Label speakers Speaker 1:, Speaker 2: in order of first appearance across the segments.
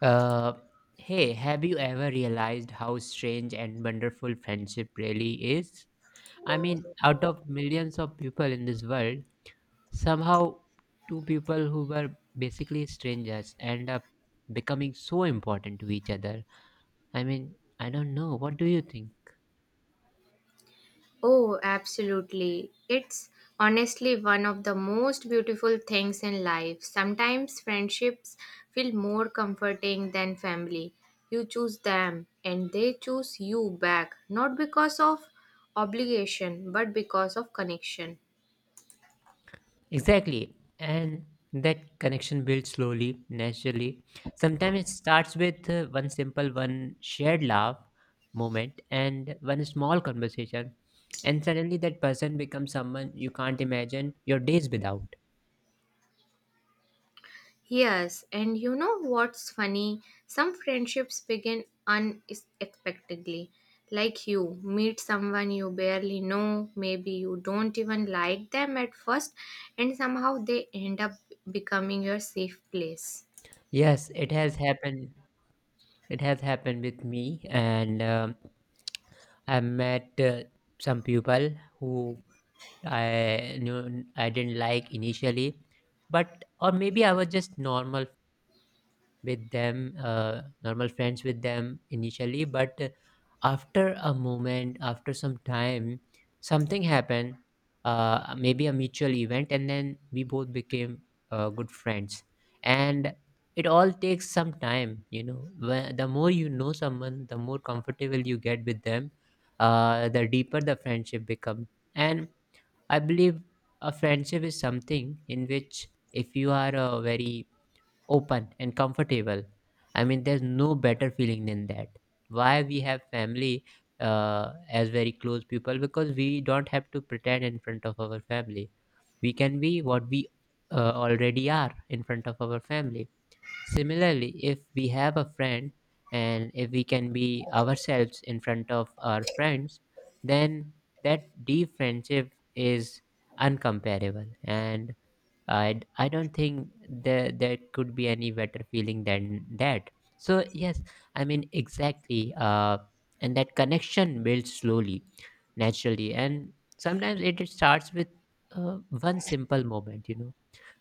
Speaker 1: Uh, hey, have you ever realized how strange and wonderful friendship really is? I mean, out of millions of people in this world, somehow two people who were basically strangers end up becoming so important to each other. I mean, I don't know. What do you think?
Speaker 2: Oh, absolutely. It's honestly one of the most beautiful things in life. Sometimes friendships feel more comforting than family. You choose them and they choose you back, not because of obligation, but because of connection.
Speaker 1: Exactly. And that connection builds slowly, naturally. Sometimes it starts with one simple, one shared laugh moment and one small conversation. And suddenly that person becomes someone you can't imagine your days without.
Speaker 2: Yes, and you know what's funny? Some friendships begin unexpectedly. Like you meet someone you barely know, maybe you don't even like them at first, and somehow they end up becoming your safe place.
Speaker 1: Yes, it has happened. It has happened with me. And I met some people who I knew I didn't like initially, but or maybe I was just normal with them, normal friends with them initially. But after a moment, after some time, something happened, maybe a mutual event, and then we both became good friends. And it all takes some time, you know. When, the more you know someone, the more comfortable you get with them, the deeper the friendship becomes. And I believe a friendship is something in which if you are a very open and comfortable, I mean there's no better feeling than that. Why we have family as very close people, because we don't have to pretend in front of our family, we can be what we already are in front of our family. Similarly, if we have a friend and if we can be ourselves in front of our friends, then that deep friendship is uncomparable, and I don't think there could be any better feeling than that. So yes, I mean exactly. And that connection builds slowly, naturally, and sometimes it starts with one simple moment. You know,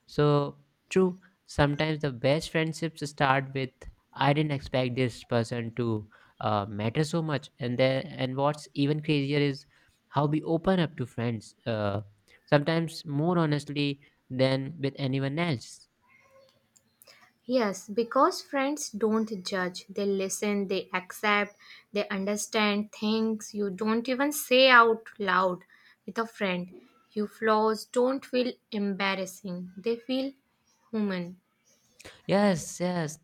Speaker 1: so, true, sometimes the best friendships start with I didn't expect this person to matter so much. And then, and what's even crazier is how we open up to friends, sometimes more honestly than with anyone else.
Speaker 2: Yes, because friends don't judge, they listen, they accept, they understand things you don't even say out loud with a friend. Your flaws don't feel embarrassing, they feel human.
Speaker 1: Yes, yes,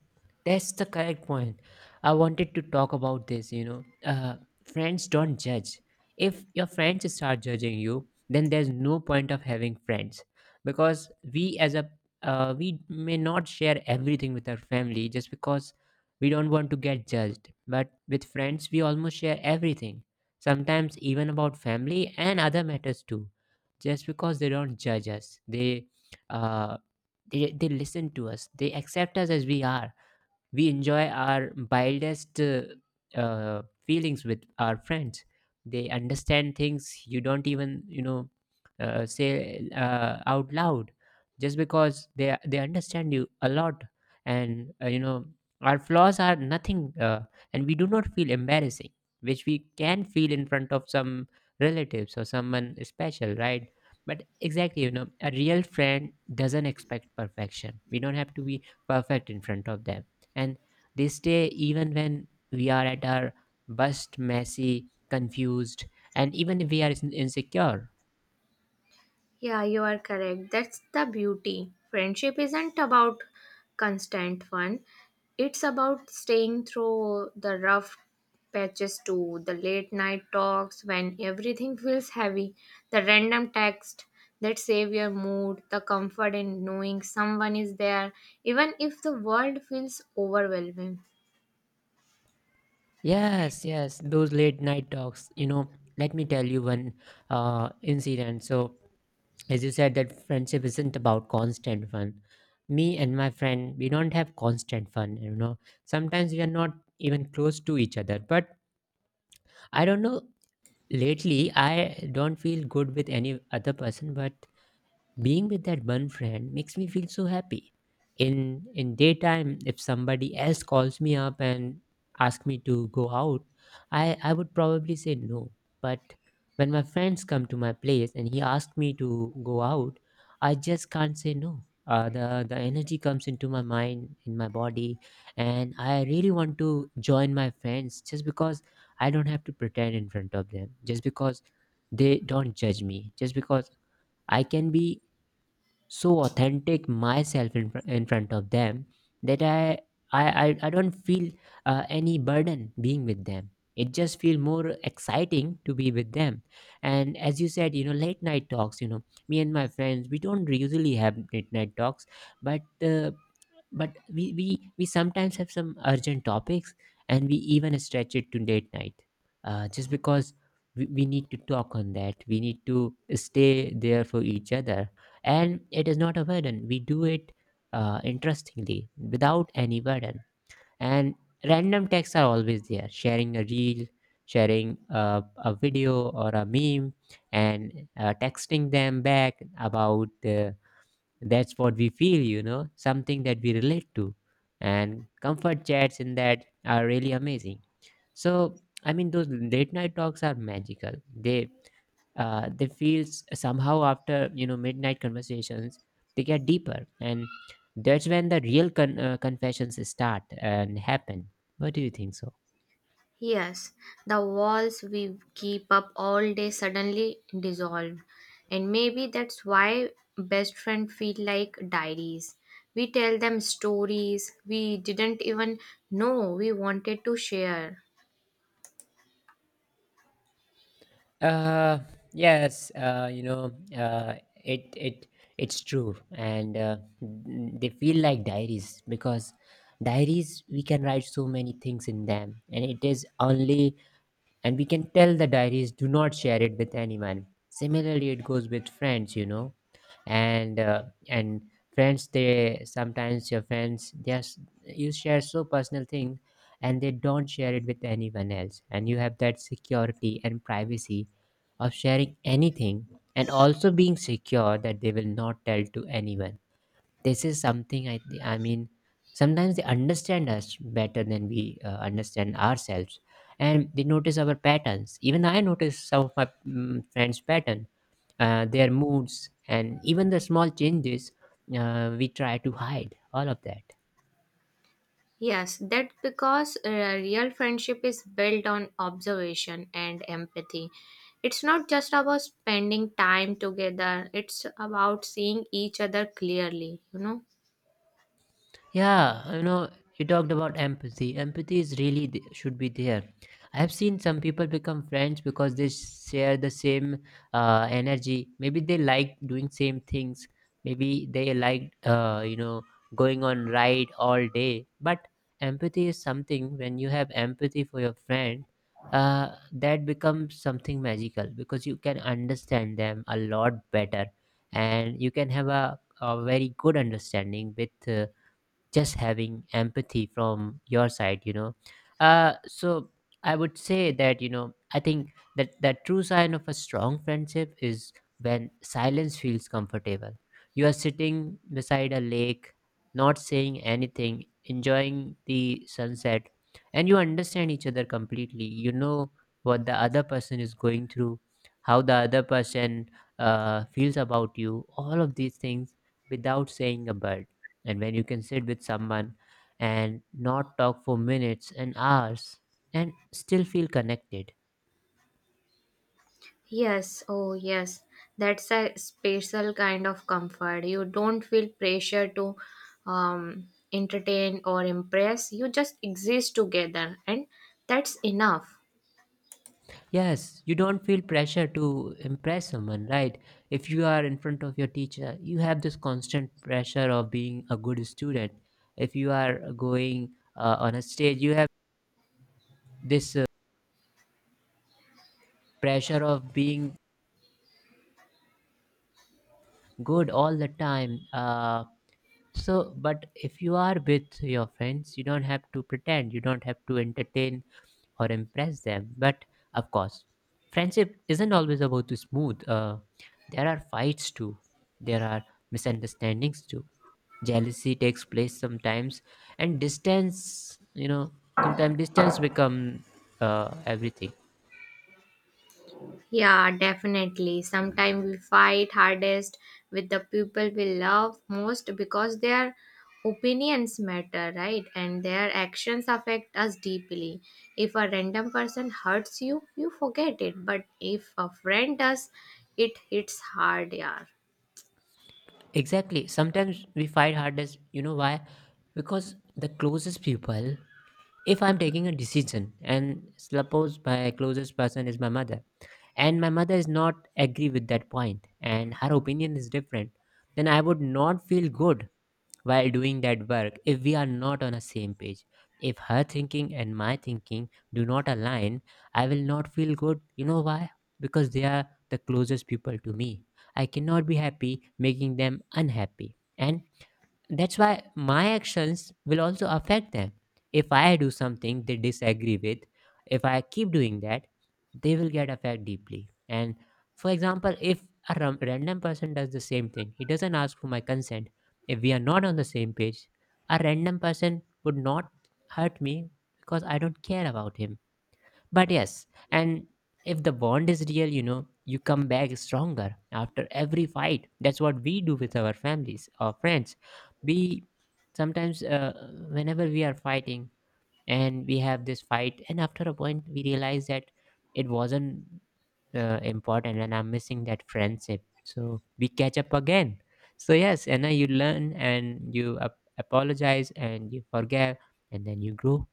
Speaker 1: that's the correct point. I wanted to talk about this, you know. Friends don't judge. If your friends start judging you, then there's no point of having friends, because we as a we may not share everything with our family just because we don't want to get judged. But with friends, we almost share everything. Sometimes even about family and other matters too. Just because they don't judge us, they uh, they listen to us, they accept us as we are. We enjoy our wildest feelings with our friends. They understand things you don't even, you know, say out loud, just because they understand you a lot, and you know, our flaws are nothing, and we do not feel embarrassing, which we can feel in front of some relatives or someone special, right? But exactly, you know, a real friend doesn't expect perfection. We don't have to be perfect in front of them, and they stay even when we are at our best, messy, confused, and even if we are insecure.
Speaker 2: Yeah, you are correct. That's the beauty. Friendship isn't about constant fun, it's about staying through the rough patches too, the late night talks when everything feels heavy, the random text that save your mood, the comfort in knowing someone is there, even if the world feels overwhelming.
Speaker 1: Yes, yes, those late night talks. You know, let me tell you one incident. So, as you said, that friendship isn't about constant fun. Me and my friend, we don't have constant fun. You know, sometimes we are not even close to each other. But I don't know, lately, I don't feel good with any other person, but being with that one friend makes me feel so happy. In daytime, if somebody else calls me up and asks me to go out, I would probably say no. But when my friends come to my place and he asked me to go out, I just can't say no. The energy comes into my mind, in my body, and I really want to join my friends, just because I don't have to pretend in front of them, just because they don't judge me, just because I can be so authentic myself in, in front of them, that I don't feel any burden being with them. It just feels more exciting to be with them. And as you said, you know, late night talks, you know, me and my friends, we don't usually have late night talks, but uh, but we sometimes have some urgent topics and we even stretch it to late night, just because we need to talk on that, we need to stay there for each other, and it is not a burden, we do it interestingly, without any burden. And random texts are always there, sharing a reel, sharing a video or a meme, and texting them back about that's what we feel, you know, something that we relate to, and comfort chats in that are really amazing. So I mean those late night talks are magical. They they feel somehow after, you know, midnight conversations, they get deeper, and that's when the real confessions start and happen. What do you think so?
Speaker 2: Yes, the walls we keep up all day suddenly dissolve. And maybe that's why best friends feel like diaries. We tell them stories we didn't even know we wanted to share.
Speaker 1: uh yes, you know, it's true, and they feel like diaries, because diaries, we can write so many things in them, and it is only, and we can tell the diaries, do not share it with anyone. Similarly, it goes with friends, you know. And and friends, they sometimes, your friends, they are, you share so personal things, and they don't share it with anyone else, and you have that security and privacy of sharing anything, and also being secure that they will not tell to anyone. This is something I mean, sometimes they understand us better than we understand ourselves, and they notice our patterns. Even I notice some of my friends pattern, their moods and even the small changes we try to hide all of that.
Speaker 2: Yes, that's because real friendship is built on observation and empathy. It's not just about spending time together, it's about seeing each other clearly, you know.
Speaker 1: Yeah, you know, you talked about empathy. Empathy is really should be there. I have seen some people become friends because they share the same energy. Maybe they like doing same things. Maybe they like you know, going on ride all day. But empathy is something, when you have empathy for your friend, that becomes something magical, because you can understand them a lot better, and you can have a very good understanding with. Just having empathy from your side, you know. So I would say that, you know, I think that true sign of a strong friendship is when silence feels comfortable. You are sitting beside a lake, not saying anything, enjoying the sunset, and you understand each other completely. You know what the other person is going through, how the other person feels about you, all of these things without saying a word. And when you can sit with someone and not talk for minutes and hours and still feel connected.
Speaker 2: Yes, oh yes, that's a special kind of comfort. You don't feel pressure to entertain or impress. You just exist together, and that's enough.
Speaker 1: Yes, you don't feel pressure to impress someone, right? If you are in front of your teacher, you have this constant pressure of being a good student. If you are going on a stage, you have this pressure of being good all the time. So, but if you are with your friends, you don't have to pretend, you don't have to entertain or impress them. But of course, friendship isn't always about to smooth. There are fights too, there are misunderstandings too. Jealousy takes place sometimes, and distance, you know, sometimes distance become everything.
Speaker 2: Yeah, definitely. Sometimes we fight hardest with the people we love most because their opinions matter, right? And their actions affect us deeply. If a random person hurts you, you forget it. But if a friend does, it hits hard, yeah.
Speaker 1: Exactly. Sometimes we fight hardest. You know why? Because the closest people, if I'm taking a decision and suppose my closest person is my mother, and my mother is not agree with that point and her opinion is different, then I would not feel good while doing that work, if we are not on the same page. If her thinking and my thinking do not align, I will not feel good. You know why? Because they are the closest people to me. I cannot be happy making them unhappy, and that's why my actions will also affect them. If I do something they disagree with, if I keep doing that, they will get affected deeply. And for example, if a random person does the same thing, he doesn't ask for my consent. If we are not on the same page, a random person would not hurt me, because I don't care about him. But yes, and if the bond is real, you know, you come back stronger after every fight. That's what we do with our families or friends. We sometimes, whenever we are fighting and we have this fight, and after a point, we realize that it wasn't important, and I'm missing that friendship. So we catch up again. So, yes, and now you learn and you apologize and you forgive and then you grow.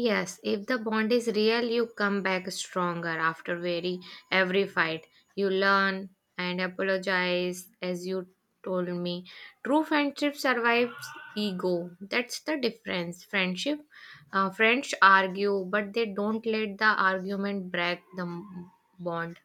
Speaker 2: Yes, if the bond is real, you come back stronger after very every fight. You learn and apologize, as you told me. True friendship survives ego. That's the difference. Friendship, friends argue, but they don't let the argument bond.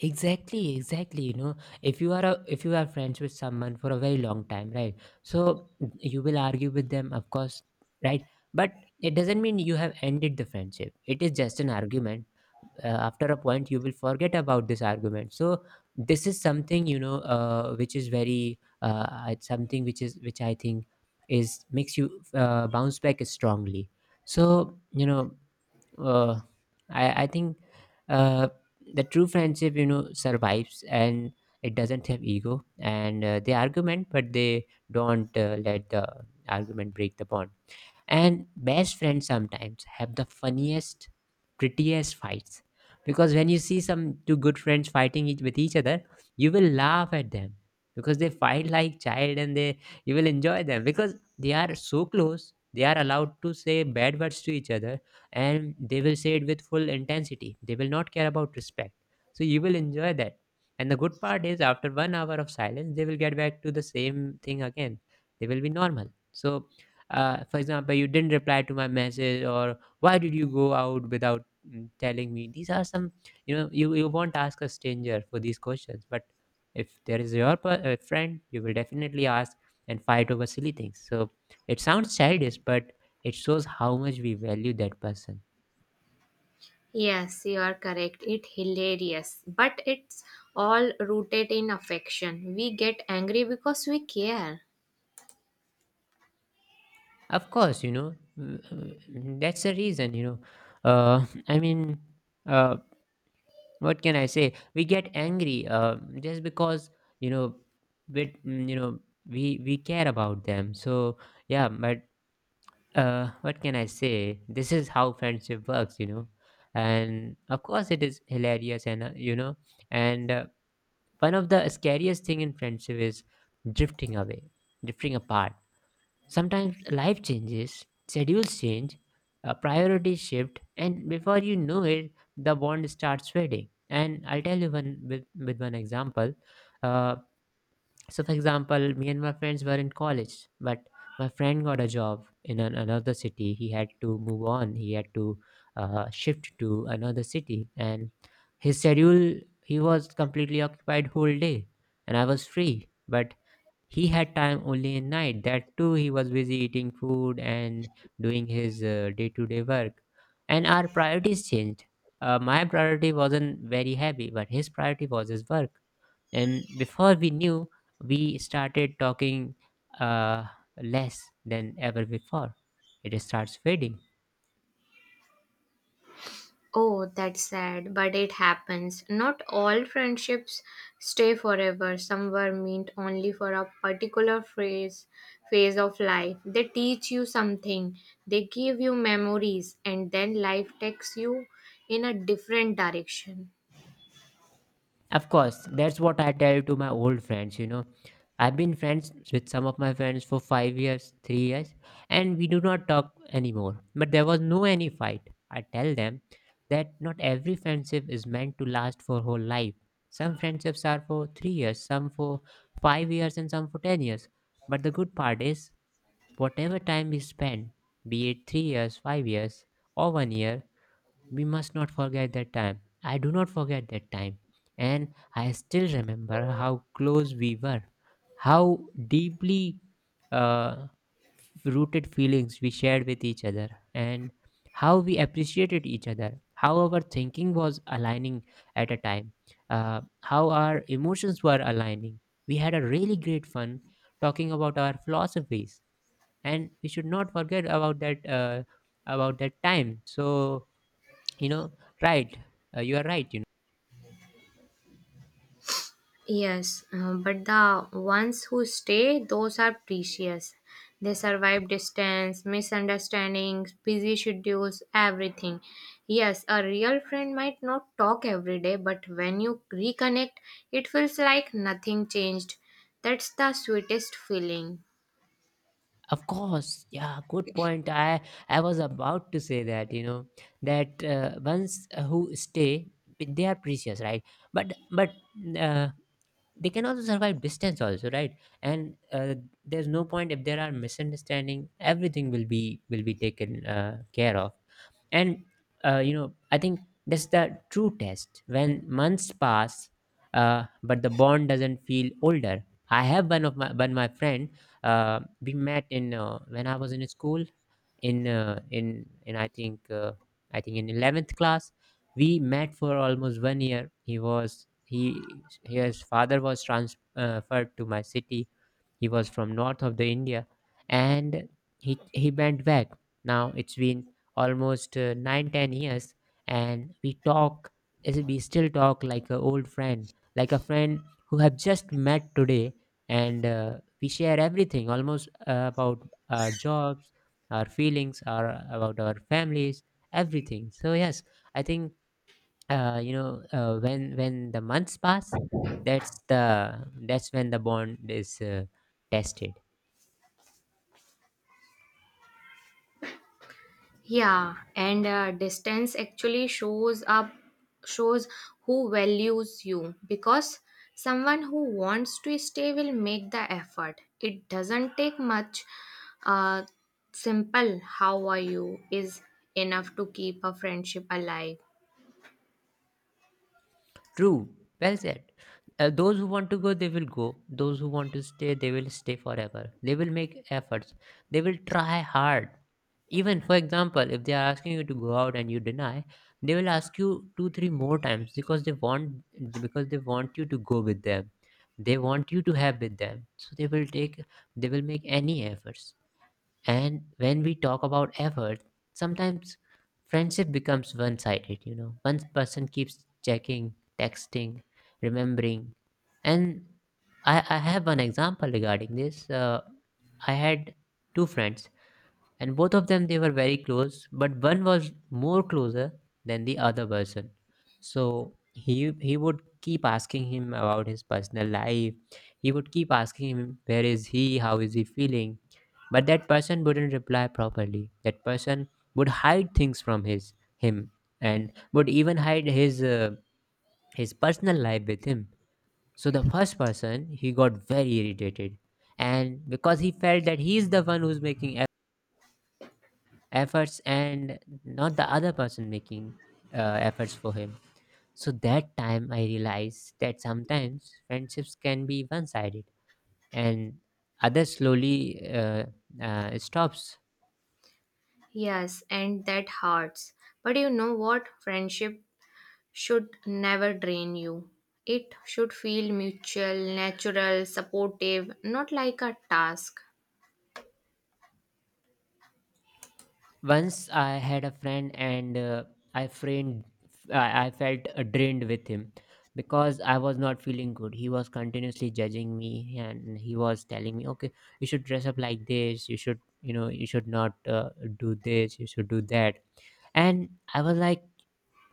Speaker 1: Exactly, exactly. If you are friends with someone for a very long time, right? So you will argue with them, of course, right? But it doesn't mean you have ended the friendship. It is just an argument. After a point, you will forget about this argument. So this is something, which is very, it's something which is which I think is makes you bounce back strongly. So, uh, I think, uh, the true friendship, survives, and it doesn't have ego, and they argument, but they don't let the argument break the bond. And best friends sometimes have the funniest, prettiest fights, because when you see some two good friends fighting with each other, you will laugh at them, because they fight like child, and they you will enjoy them, because they are so close they are allowed to say bad words to each other, and they will say it with full intensity, they will not care about respect, so you will enjoy that. And the good part is, after 1 hour of silence, they will get back to the same thing again, they will be normal. So, for example, you didn't reply to my message, or why did you go out without telling me? These are some, you won't ask a stranger for these questions, but if there is your friend, you will definitely ask and fight over silly things. So it sounds childish, but it shows how much we value that person.
Speaker 2: Yes, you are correct. It's hilarious, but it's all rooted in affection. We get angry because we care.
Speaker 1: Of course, that's the reason, I mean, uh, what can I say? We get angry, just because, you know we you know we care about them. So yeah, but what can I say? This is how friendship works. And of course it is hilarious, and and uh, one of the scariest thing in friendship is drifting away, drifting apart. Sometimes life changes, schedules change, priorities shift, and before you know it, the bond starts fading. And I'll tell you with one example. Uh, so, for example, me and my friends were in college, but my friend got a job in another city. He had to move on. He had to shift to another city, and his schedule, he was completely occupied whole day, and I was free, but he had time only in night. That too, he was busy eating food and doing his day-to-day work. And our priorities changed. My priority wasn't very heavy, but his priority was his work. And before we knew, we started talking, uh, less than ever before. It starts fading.
Speaker 2: Oh, that's sad, but it happens. Not all friendships stay forever. Some were meant only for a particular phase of life. They teach you something. They give you memories and then life takes you in a different direction.
Speaker 1: Of course, that's what I tell to my old friends. I've been friends with some of my friends for 5 years, 3 years, and we do not talk anymore. But there was no any fight. I tell them that not every friendship is meant to last for whole life. Some friendships are for 3 years, some for 5 years, and some for 10 years. But the good part is, whatever time we spend, be it 3 years, 5 years, or 1 year, we must not forget that time. I do not forget that time. And I still remember how close we were, how deeply, uh, rooted feelings we shared with each other, and how we appreciated each other, how our thinking was aligning at a time, how our emotions were aligning. We had a really great fun talking about our philosophies, and we should not forget about that time. So, you know right you are right.
Speaker 2: Yes, but the ones who stay, those are precious. They survive distance, misunderstandings, busy schedules, everything. Yes, a real friend might not talk every day, but when you reconnect, it feels like nothing changed. That's the sweetest feeling.
Speaker 1: Of course, yeah, good point. I was about to say that. That ones who stay, they are precious, right? But uh, they can also survive distance also, right? And there's no point. If there are misunderstanding, everything will be taken, care of. And I think that's the true test, when months pass, but the bond doesn't feel older. I have one of my one my friend, we met in when I was in school, in I think, in 11th class. We met for almost 1 year. He was he His father was transferred to my city. He was from north of the India, and he went back. Now it's been almost, 9 10 years, and we talk, as we still talk, like an old friend, like a friend who have just met today. And we share everything, almost, about our jobs, our feelings, our about our families, everything. So yes, I think, when the months pass, that's when the bond is, tested.
Speaker 2: Yeah, and distance actually shows who values you because someone who wants to stay will make the effort. It doesn't take much. Uh, Simple "How are you?" is enough to keep a friendship alive.
Speaker 1: True, well said. Those who want to go, they will go. Those who want to stay, they will stay forever. They will make efforts, they will try hard. Even, for example, if they are asking you to go out and you deny, they will ask you two three more times, because they want, you to go with them. They want you to have with them, so they will make any efforts. And when we talk about effort, sometimes friendship becomes one sided. One person keeps checking, texting, remembering. And I have one example regarding this. I had two friends, and both of them, they were very close, but one was more closer than the other person. So he would keep asking him about his personal life. He would keep asking him, where is he, how is he feeling. But that person wouldn't reply properly. That person would hide things from his him, and would even hide his personal life with him. So the first person, he got very irritated, and because he felt that he is the one who's making efforts, and not the other person making, efforts for him. So, that time, I realized that sometimes friendships can be one-sided, and others slowly stops.
Speaker 2: Yes, and that hurts. But you know what? Friendship should never drain you. It should feel mutual, natural, supportive, not like a task.
Speaker 1: Once I had a friend, and I framed. I felt, drained with him, because I was not feeling good. He was continuously judging me, and he was telling me, okay, you should dress up like this, you should, you should not, do this, you should do that. And I was like,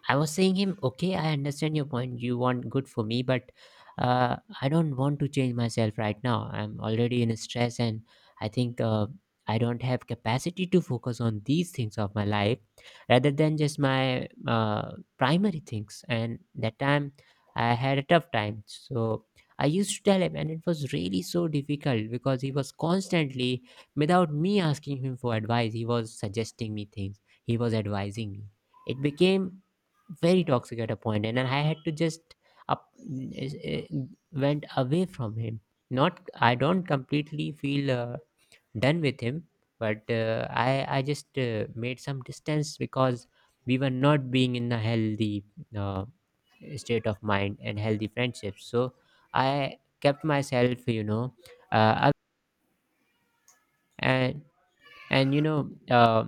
Speaker 1: I was saying him, okay, I understand your point. You want good for me, but I don't want to change myself right now. I'm already in stress, and I think, I don't have capacity to focus on these things of my life, rather than just my, primary things. And that time, I had a tough time. So I used to tell him, and it was really so difficult, because he was constantly, without me asking him for advice, he was suggesting me things. He was advising me. It became very toxic at a point, and then I had to just up is- eh, went away from him. Not, I don't completely feel, done with him, but I just, made some distance, because we were not being in a healthy, uh, state of mind and healthy friendships. So I kept myself, uh, up- and and,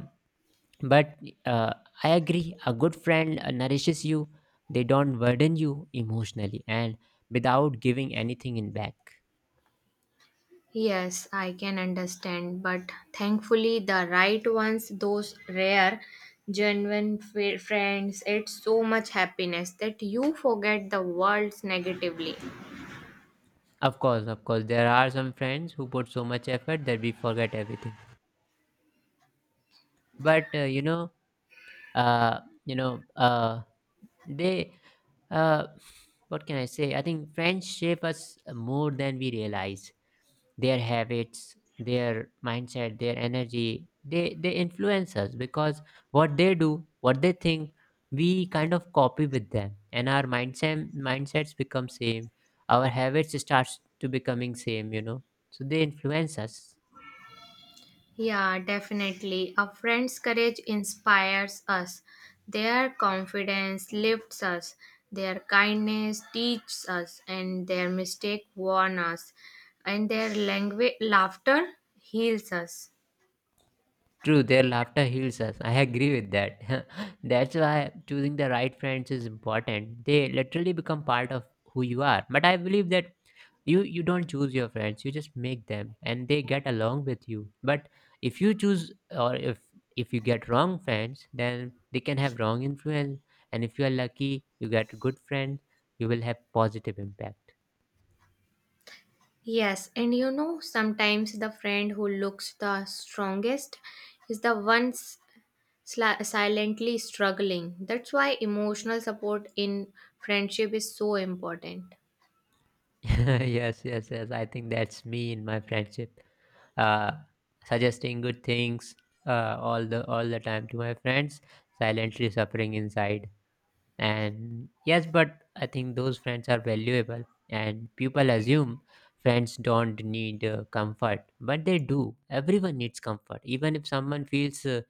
Speaker 1: but, uh, I agree, a good friend, nourishes you. They don't burden you emotionally and without giving anything in back.
Speaker 2: Yes, I can understand, but thankfully, the right ones, those rare, genuine friends, it's so much happiness that you forget the world's negatively.
Speaker 1: Of course, of course, there are some friends who put so much effort that we forget everything. But you know they uh, what can I say? I think friends shape us more than we realize. Their habits, their mindset, their energy, they influence us, because what they do, what they think, we kind of copy with them, and our mindsets become same. Our habits starts to becoming same, so they influence us.
Speaker 2: Yeah, definitely. A friend's courage inspires us, their confidence lifts us, their kindness teaches us, and their mistake warn us, and their language, laughter heals us.
Speaker 1: True, their laughter heals us. I agree with that. That's why choosing the right friends is important. They literally become part of who you are. But I believe that you don't choose your friends. You just make them, and they get along with you. But if you choose, or if you get wrong friends, then they can have wrong influence. And if you are lucky, you get good friends. You will have positive impact.
Speaker 2: Yes, and you know, sometimes the friend who looks the strongest is the one silently struggling. That's why emotional support in friendship is so important.
Speaker 1: Yes, yes, yes, I think that's me in my friendship. uh, Suggesting good things, all the time to my friends, silently suffering inside. And yes, but I think those friends are valuable, and people assume friends don't need, comfort, but they do. Everyone needs comfort, even if someone feels uh,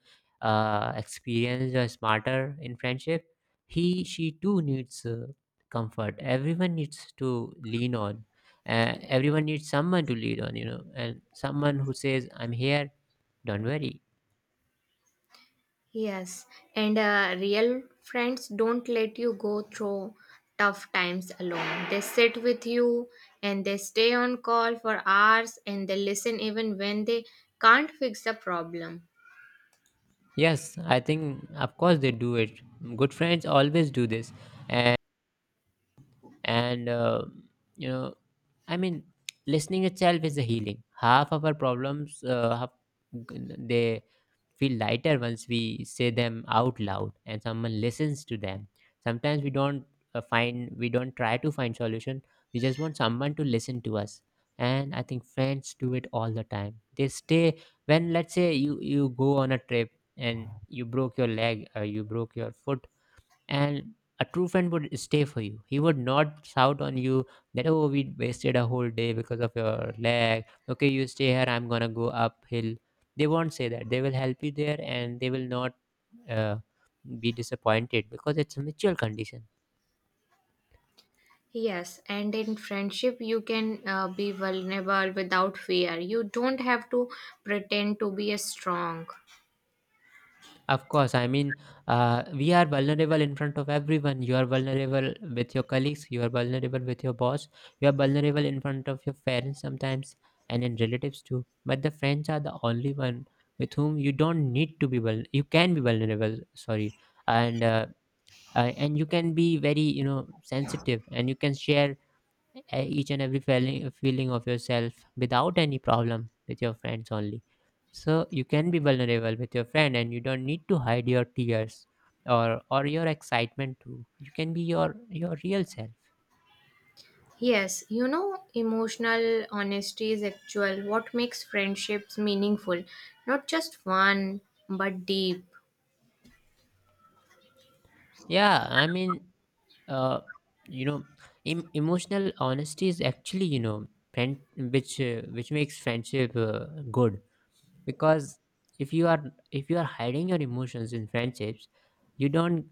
Speaker 1: uh, experienced or smarter in friendship, he she too needs comfort. Everyone needs to lean on. Everyone needs someone to lean on, you know, and someone who says, "I'm here. Don't worry."
Speaker 2: Yes, and real friends don't let you go through tough times alone. They sit with you and they stay on call for hours and they listen even when they can't fix the problem.
Speaker 1: Yes, I think of course they do it. Good friends always do this. And you know i mean listening itself is a healing half of our problems, half, they feel lighter once we say them out loud and someone listens to them. Sometimes we don't, find we don't try to find solution, we just want someone to listen to us. And I think friends do it all the time. They stay when, let's say, you go on a trip and you broke your leg or you broke your foot, and a true friend would stay for you. He would not shout on you that, "Oh, we wasted a whole day because of your leg. Okay, you stay here, I'm gonna go uphill." They won't say that. They will help you there, and they will not uh, be disappointed, because it's a mutual condition.
Speaker 2: Yes, and in friendship, you can be vulnerable without fear. You don't have to pretend to be a strong.
Speaker 1: Of course, I mean, we are vulnerable in front of everyone. You are vulnerable with your colleagues, you are vulnerable with your boss, you are vulnerable in front of your parents sometimes, and in relatives too. But the friends are the only one with whom you don't need to be well. You can be vulnerable, sorry, and uh, and you can be very, you know, sensitive, and you can share each and every feeling of yourself without any problem, with your friends only. So you can be vulnerable with your friend, and you don't need to hide your tears or your excitement too. You can be your real self.
Speaker 2: Yes, you know, emotional honesty is actual what makes friendships meaningful. Not just fun, but deep.
Speaker 1: Yeah, I mean, uh you know emotional honesty is actually, you know, friend which makes friendship, good, because if you are, if you are hiding your emotions in friendships, you don't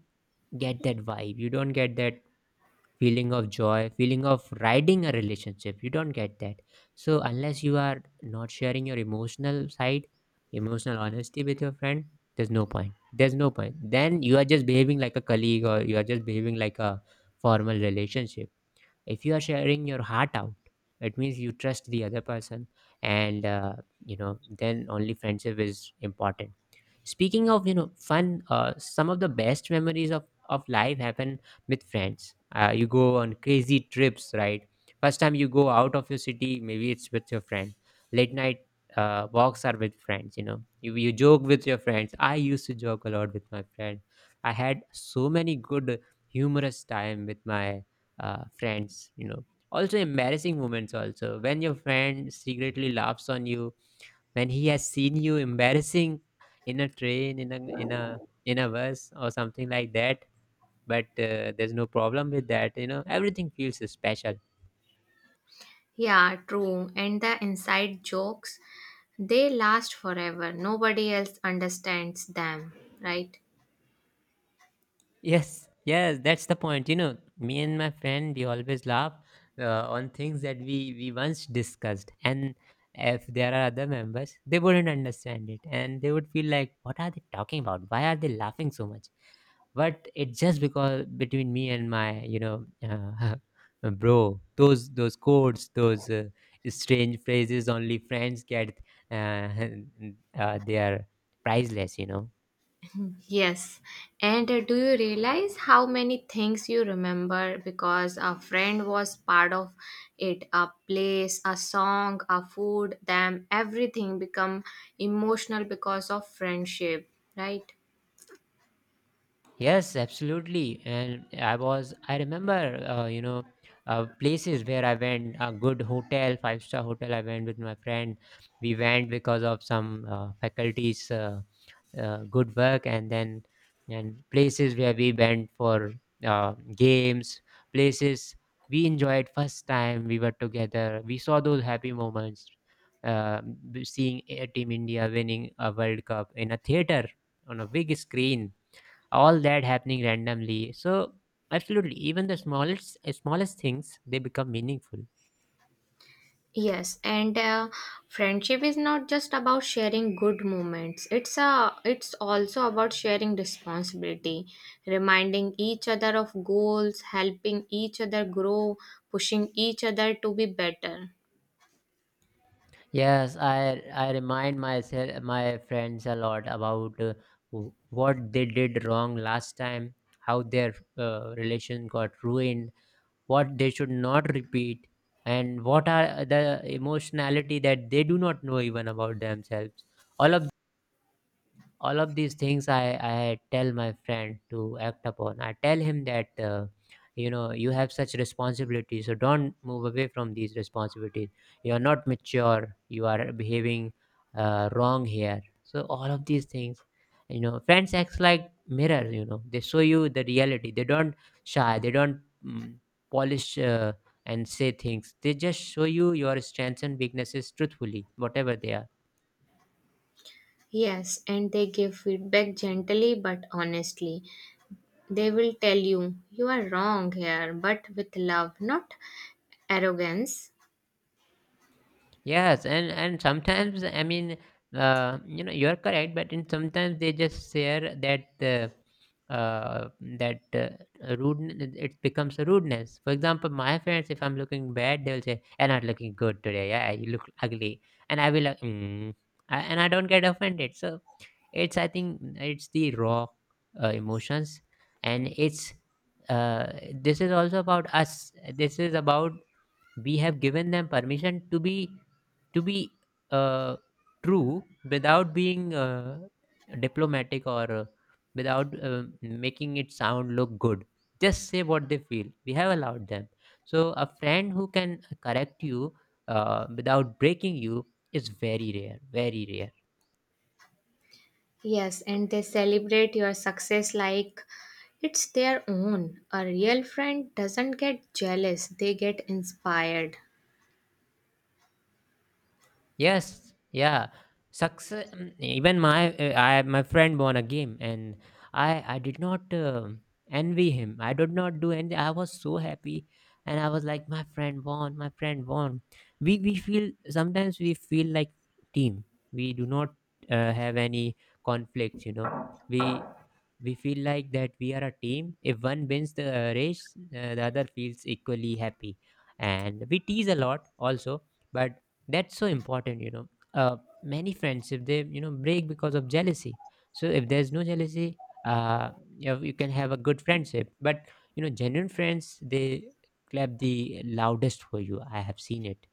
Speaker 1: get that vibe, you don't get that feeling of joy, feeling of riding a relationship, you don't get that. So unless you are not sharing your emotional side, emotional honesty with your friend, there's no point. There's no point. Then you are just behaving like a colleague, or you are just behaving like a formal relationship. If you are sharing your heart out, it means you trust the other person, and you know, then only friendship is important. Speaking of, you know, fun, some of the best memories of life happen with friends. You go on crazy trips, right? First time you go out of your city, maybe it's with your friend. Late night walks are with friends. You know, you joke with your friends. I used to joke a lot with my friend. I had so many good humorous time with my friends. You know, also embarrassing moments. Also, when your friend secretly laughs on you when he has seen you embarrassing in a train, in a bus or something like that. But there's no problem with that, you know, everything feels special.
Speaker 2: Yeah, true. And the inside jokes, they last forever. Nobody else understands them, right?
Speaker 1: Yes, yes, that's the point. You know, me and my friend, we always laugh on things that we once discussed. And if there are other members, they wouldn't understand it, and they would feel like, what are they talking about, why are they laughing so much? But it's just because between me and my, you know, bro, those codes, those strange phrases only friends get, uh, they are priceless, you know.
Speaker 2: Yes. And do you realize how many things you remember because a friend was part of it? A place, a song, a food, them, everything become emotional because of friendship, right?
Speaker 1: Yes, absolutely. And I remember, you know, places where I went, a good hotel, five-star hotel, I went with my friend. We went because of some faculties, good work. And then, and places where we went for games, places we enjoyed first time we were together, we saw those happy moments. uh, Seeing a team India winning a world cup in a theater, on a big screen, all that happening randomly. So absolutely, even the smallest things, they become meaningful.
Speaker 2: Yes, and friendship is not just about sharing good moments. It's a it's also about sharing responsibility, reminding each other of goals, helping each other grow, pushing each other to be better.
Speaker 1: Yes, I remind myself my friends a lot about, what they did wrong last time, how their relation got ruined, what they should not repeat, and what are the emotionality that they do not know even about themselves. All of all of these things, I tell my friend to act upon. I tell him that, you know, you have such responsibilities, so don't move away from these responsibilities. You are not mature, you are behaving wrong here. So all of these things, you know, friends acts like mirrors. You know, they show you the reality, they don't shy, they don't polish, and say things. They just show you your strengths and weaknesses truthfully, whatever they are.
Speaker 2: Yes, and they give feedback gently but honestly. They will tell you, you are wrong here, but with love, not arrogance.
Speaker 1: Yes, and sometimes, I mean, you know, you're correct, but in sometimes they just share that uh, uh, rudeness, it becomes a rudeness. For example, my friends, if I'm looking bad, they'll say, "You're not looking good today. Yeah, you look ugly," and I will, like, mm. I don't get offended. So it's, I think it's the raw emotions, and it's, this is also about us. This is about, we have given them permission to be, to be uh, true without being diplomatic, or without making it sound look good, just say what they feel, we have allowed them. So a friend who can correct you without breaking you is very rare, very rare.
Speaker 2: Yes, and they celebrate your success like it's their own. A real friend doesn't get jealous, they get inspired.
Speaker 1: Yes, yeah. Success. Even my friend won a game, and I did not envy him. I did not do anything. I was so happy, and I was like, my friend won, my friend won. We feel like team. We do not have any conflicts. You know, we we feel like that we are a team. If one wins the race, the other feels equally happy, and we tease a lot also. But that's so important, you know. uh, Many friendships, they, you know, break because of jealousy. So if there's no jealousy, uh, you, know, you can have a good friendship. But you know, genuine friends, they clap the loudest for you. I have seen it.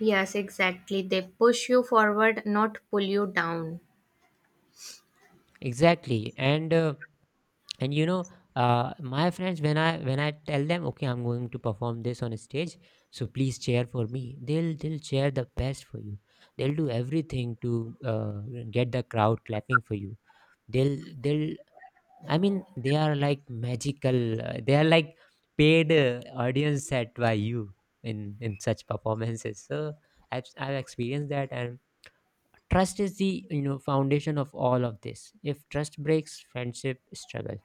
Speaker 2: Yes, exactly. They push you forward, not pull you down.
Speaker 1: Exactly. And and you know, my friends, when I tell them, okay, I'm going to perform this on stage, so please cheer for me, they'll cheer the best for you. They'll do everything to get the crowd clapping for you. They'll I mean, they are like magical, they are like paid audience set by you in such performances. So I've experienced that. And trust is the, you know, foundation of all of this. If trust breaks, friendship struggles.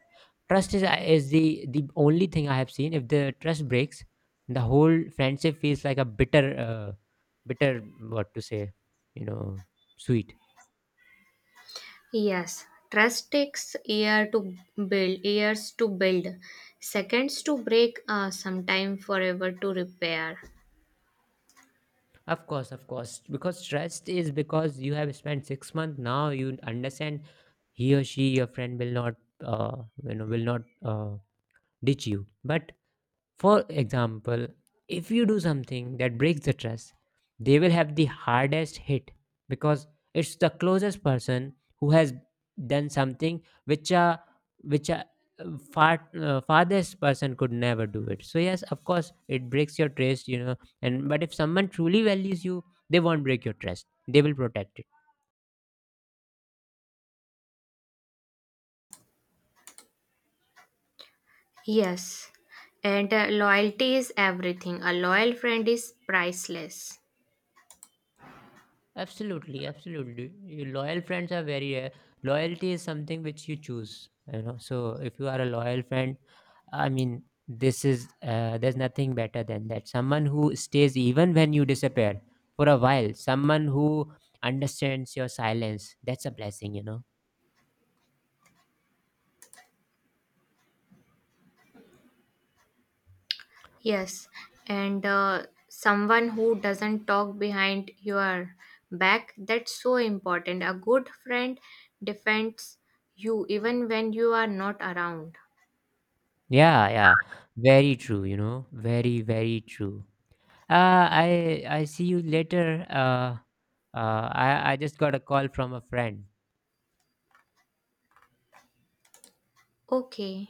Speaker 1: Trust is the only thing I have seen. If the trust breaks, the whole friendship feels like a bitter, bitter, what to say, you know, sweet.
Speaker 2: Yes, trust takes year to build, years to build, seconds to break, sometime forever to repair.
Speaker 1: Of course, of course. Because trust is, because you have spent 6 months now, you understand he or she, your friend, will not, you know, will not ditch you. But, for example, if you do something that breaks the trust, they will have the hardest hit, because it's the closest person who has done something which a, which a farthest person could never do it. So yes, of course, it breaks your trust, you know. And but if someone truly values you, they won't break your trust. They will protect it.
Speaker 2: Yes, and loyalty is everything. A loyal friend is priceless.
Speaker 1: Absolutely, absolutely. Your loyal friends are very rare. Loyalty is something which you choose, you know. So if you are a loyal friend, I mean, this is, there's nothing better than that. Someone who stays even when you disappear for a while. Someone who understands your silence. That's a blessing, you know.
Speaker 2: Yes, and someone who doesn't talk behind your back, that's so important. A good friend defends you even when you are not around.
Speaker 1: Yeah, yeah. Very true, you know. Very, very true. I see you later. I just got a call from a friend.
Speaker 2: Okay.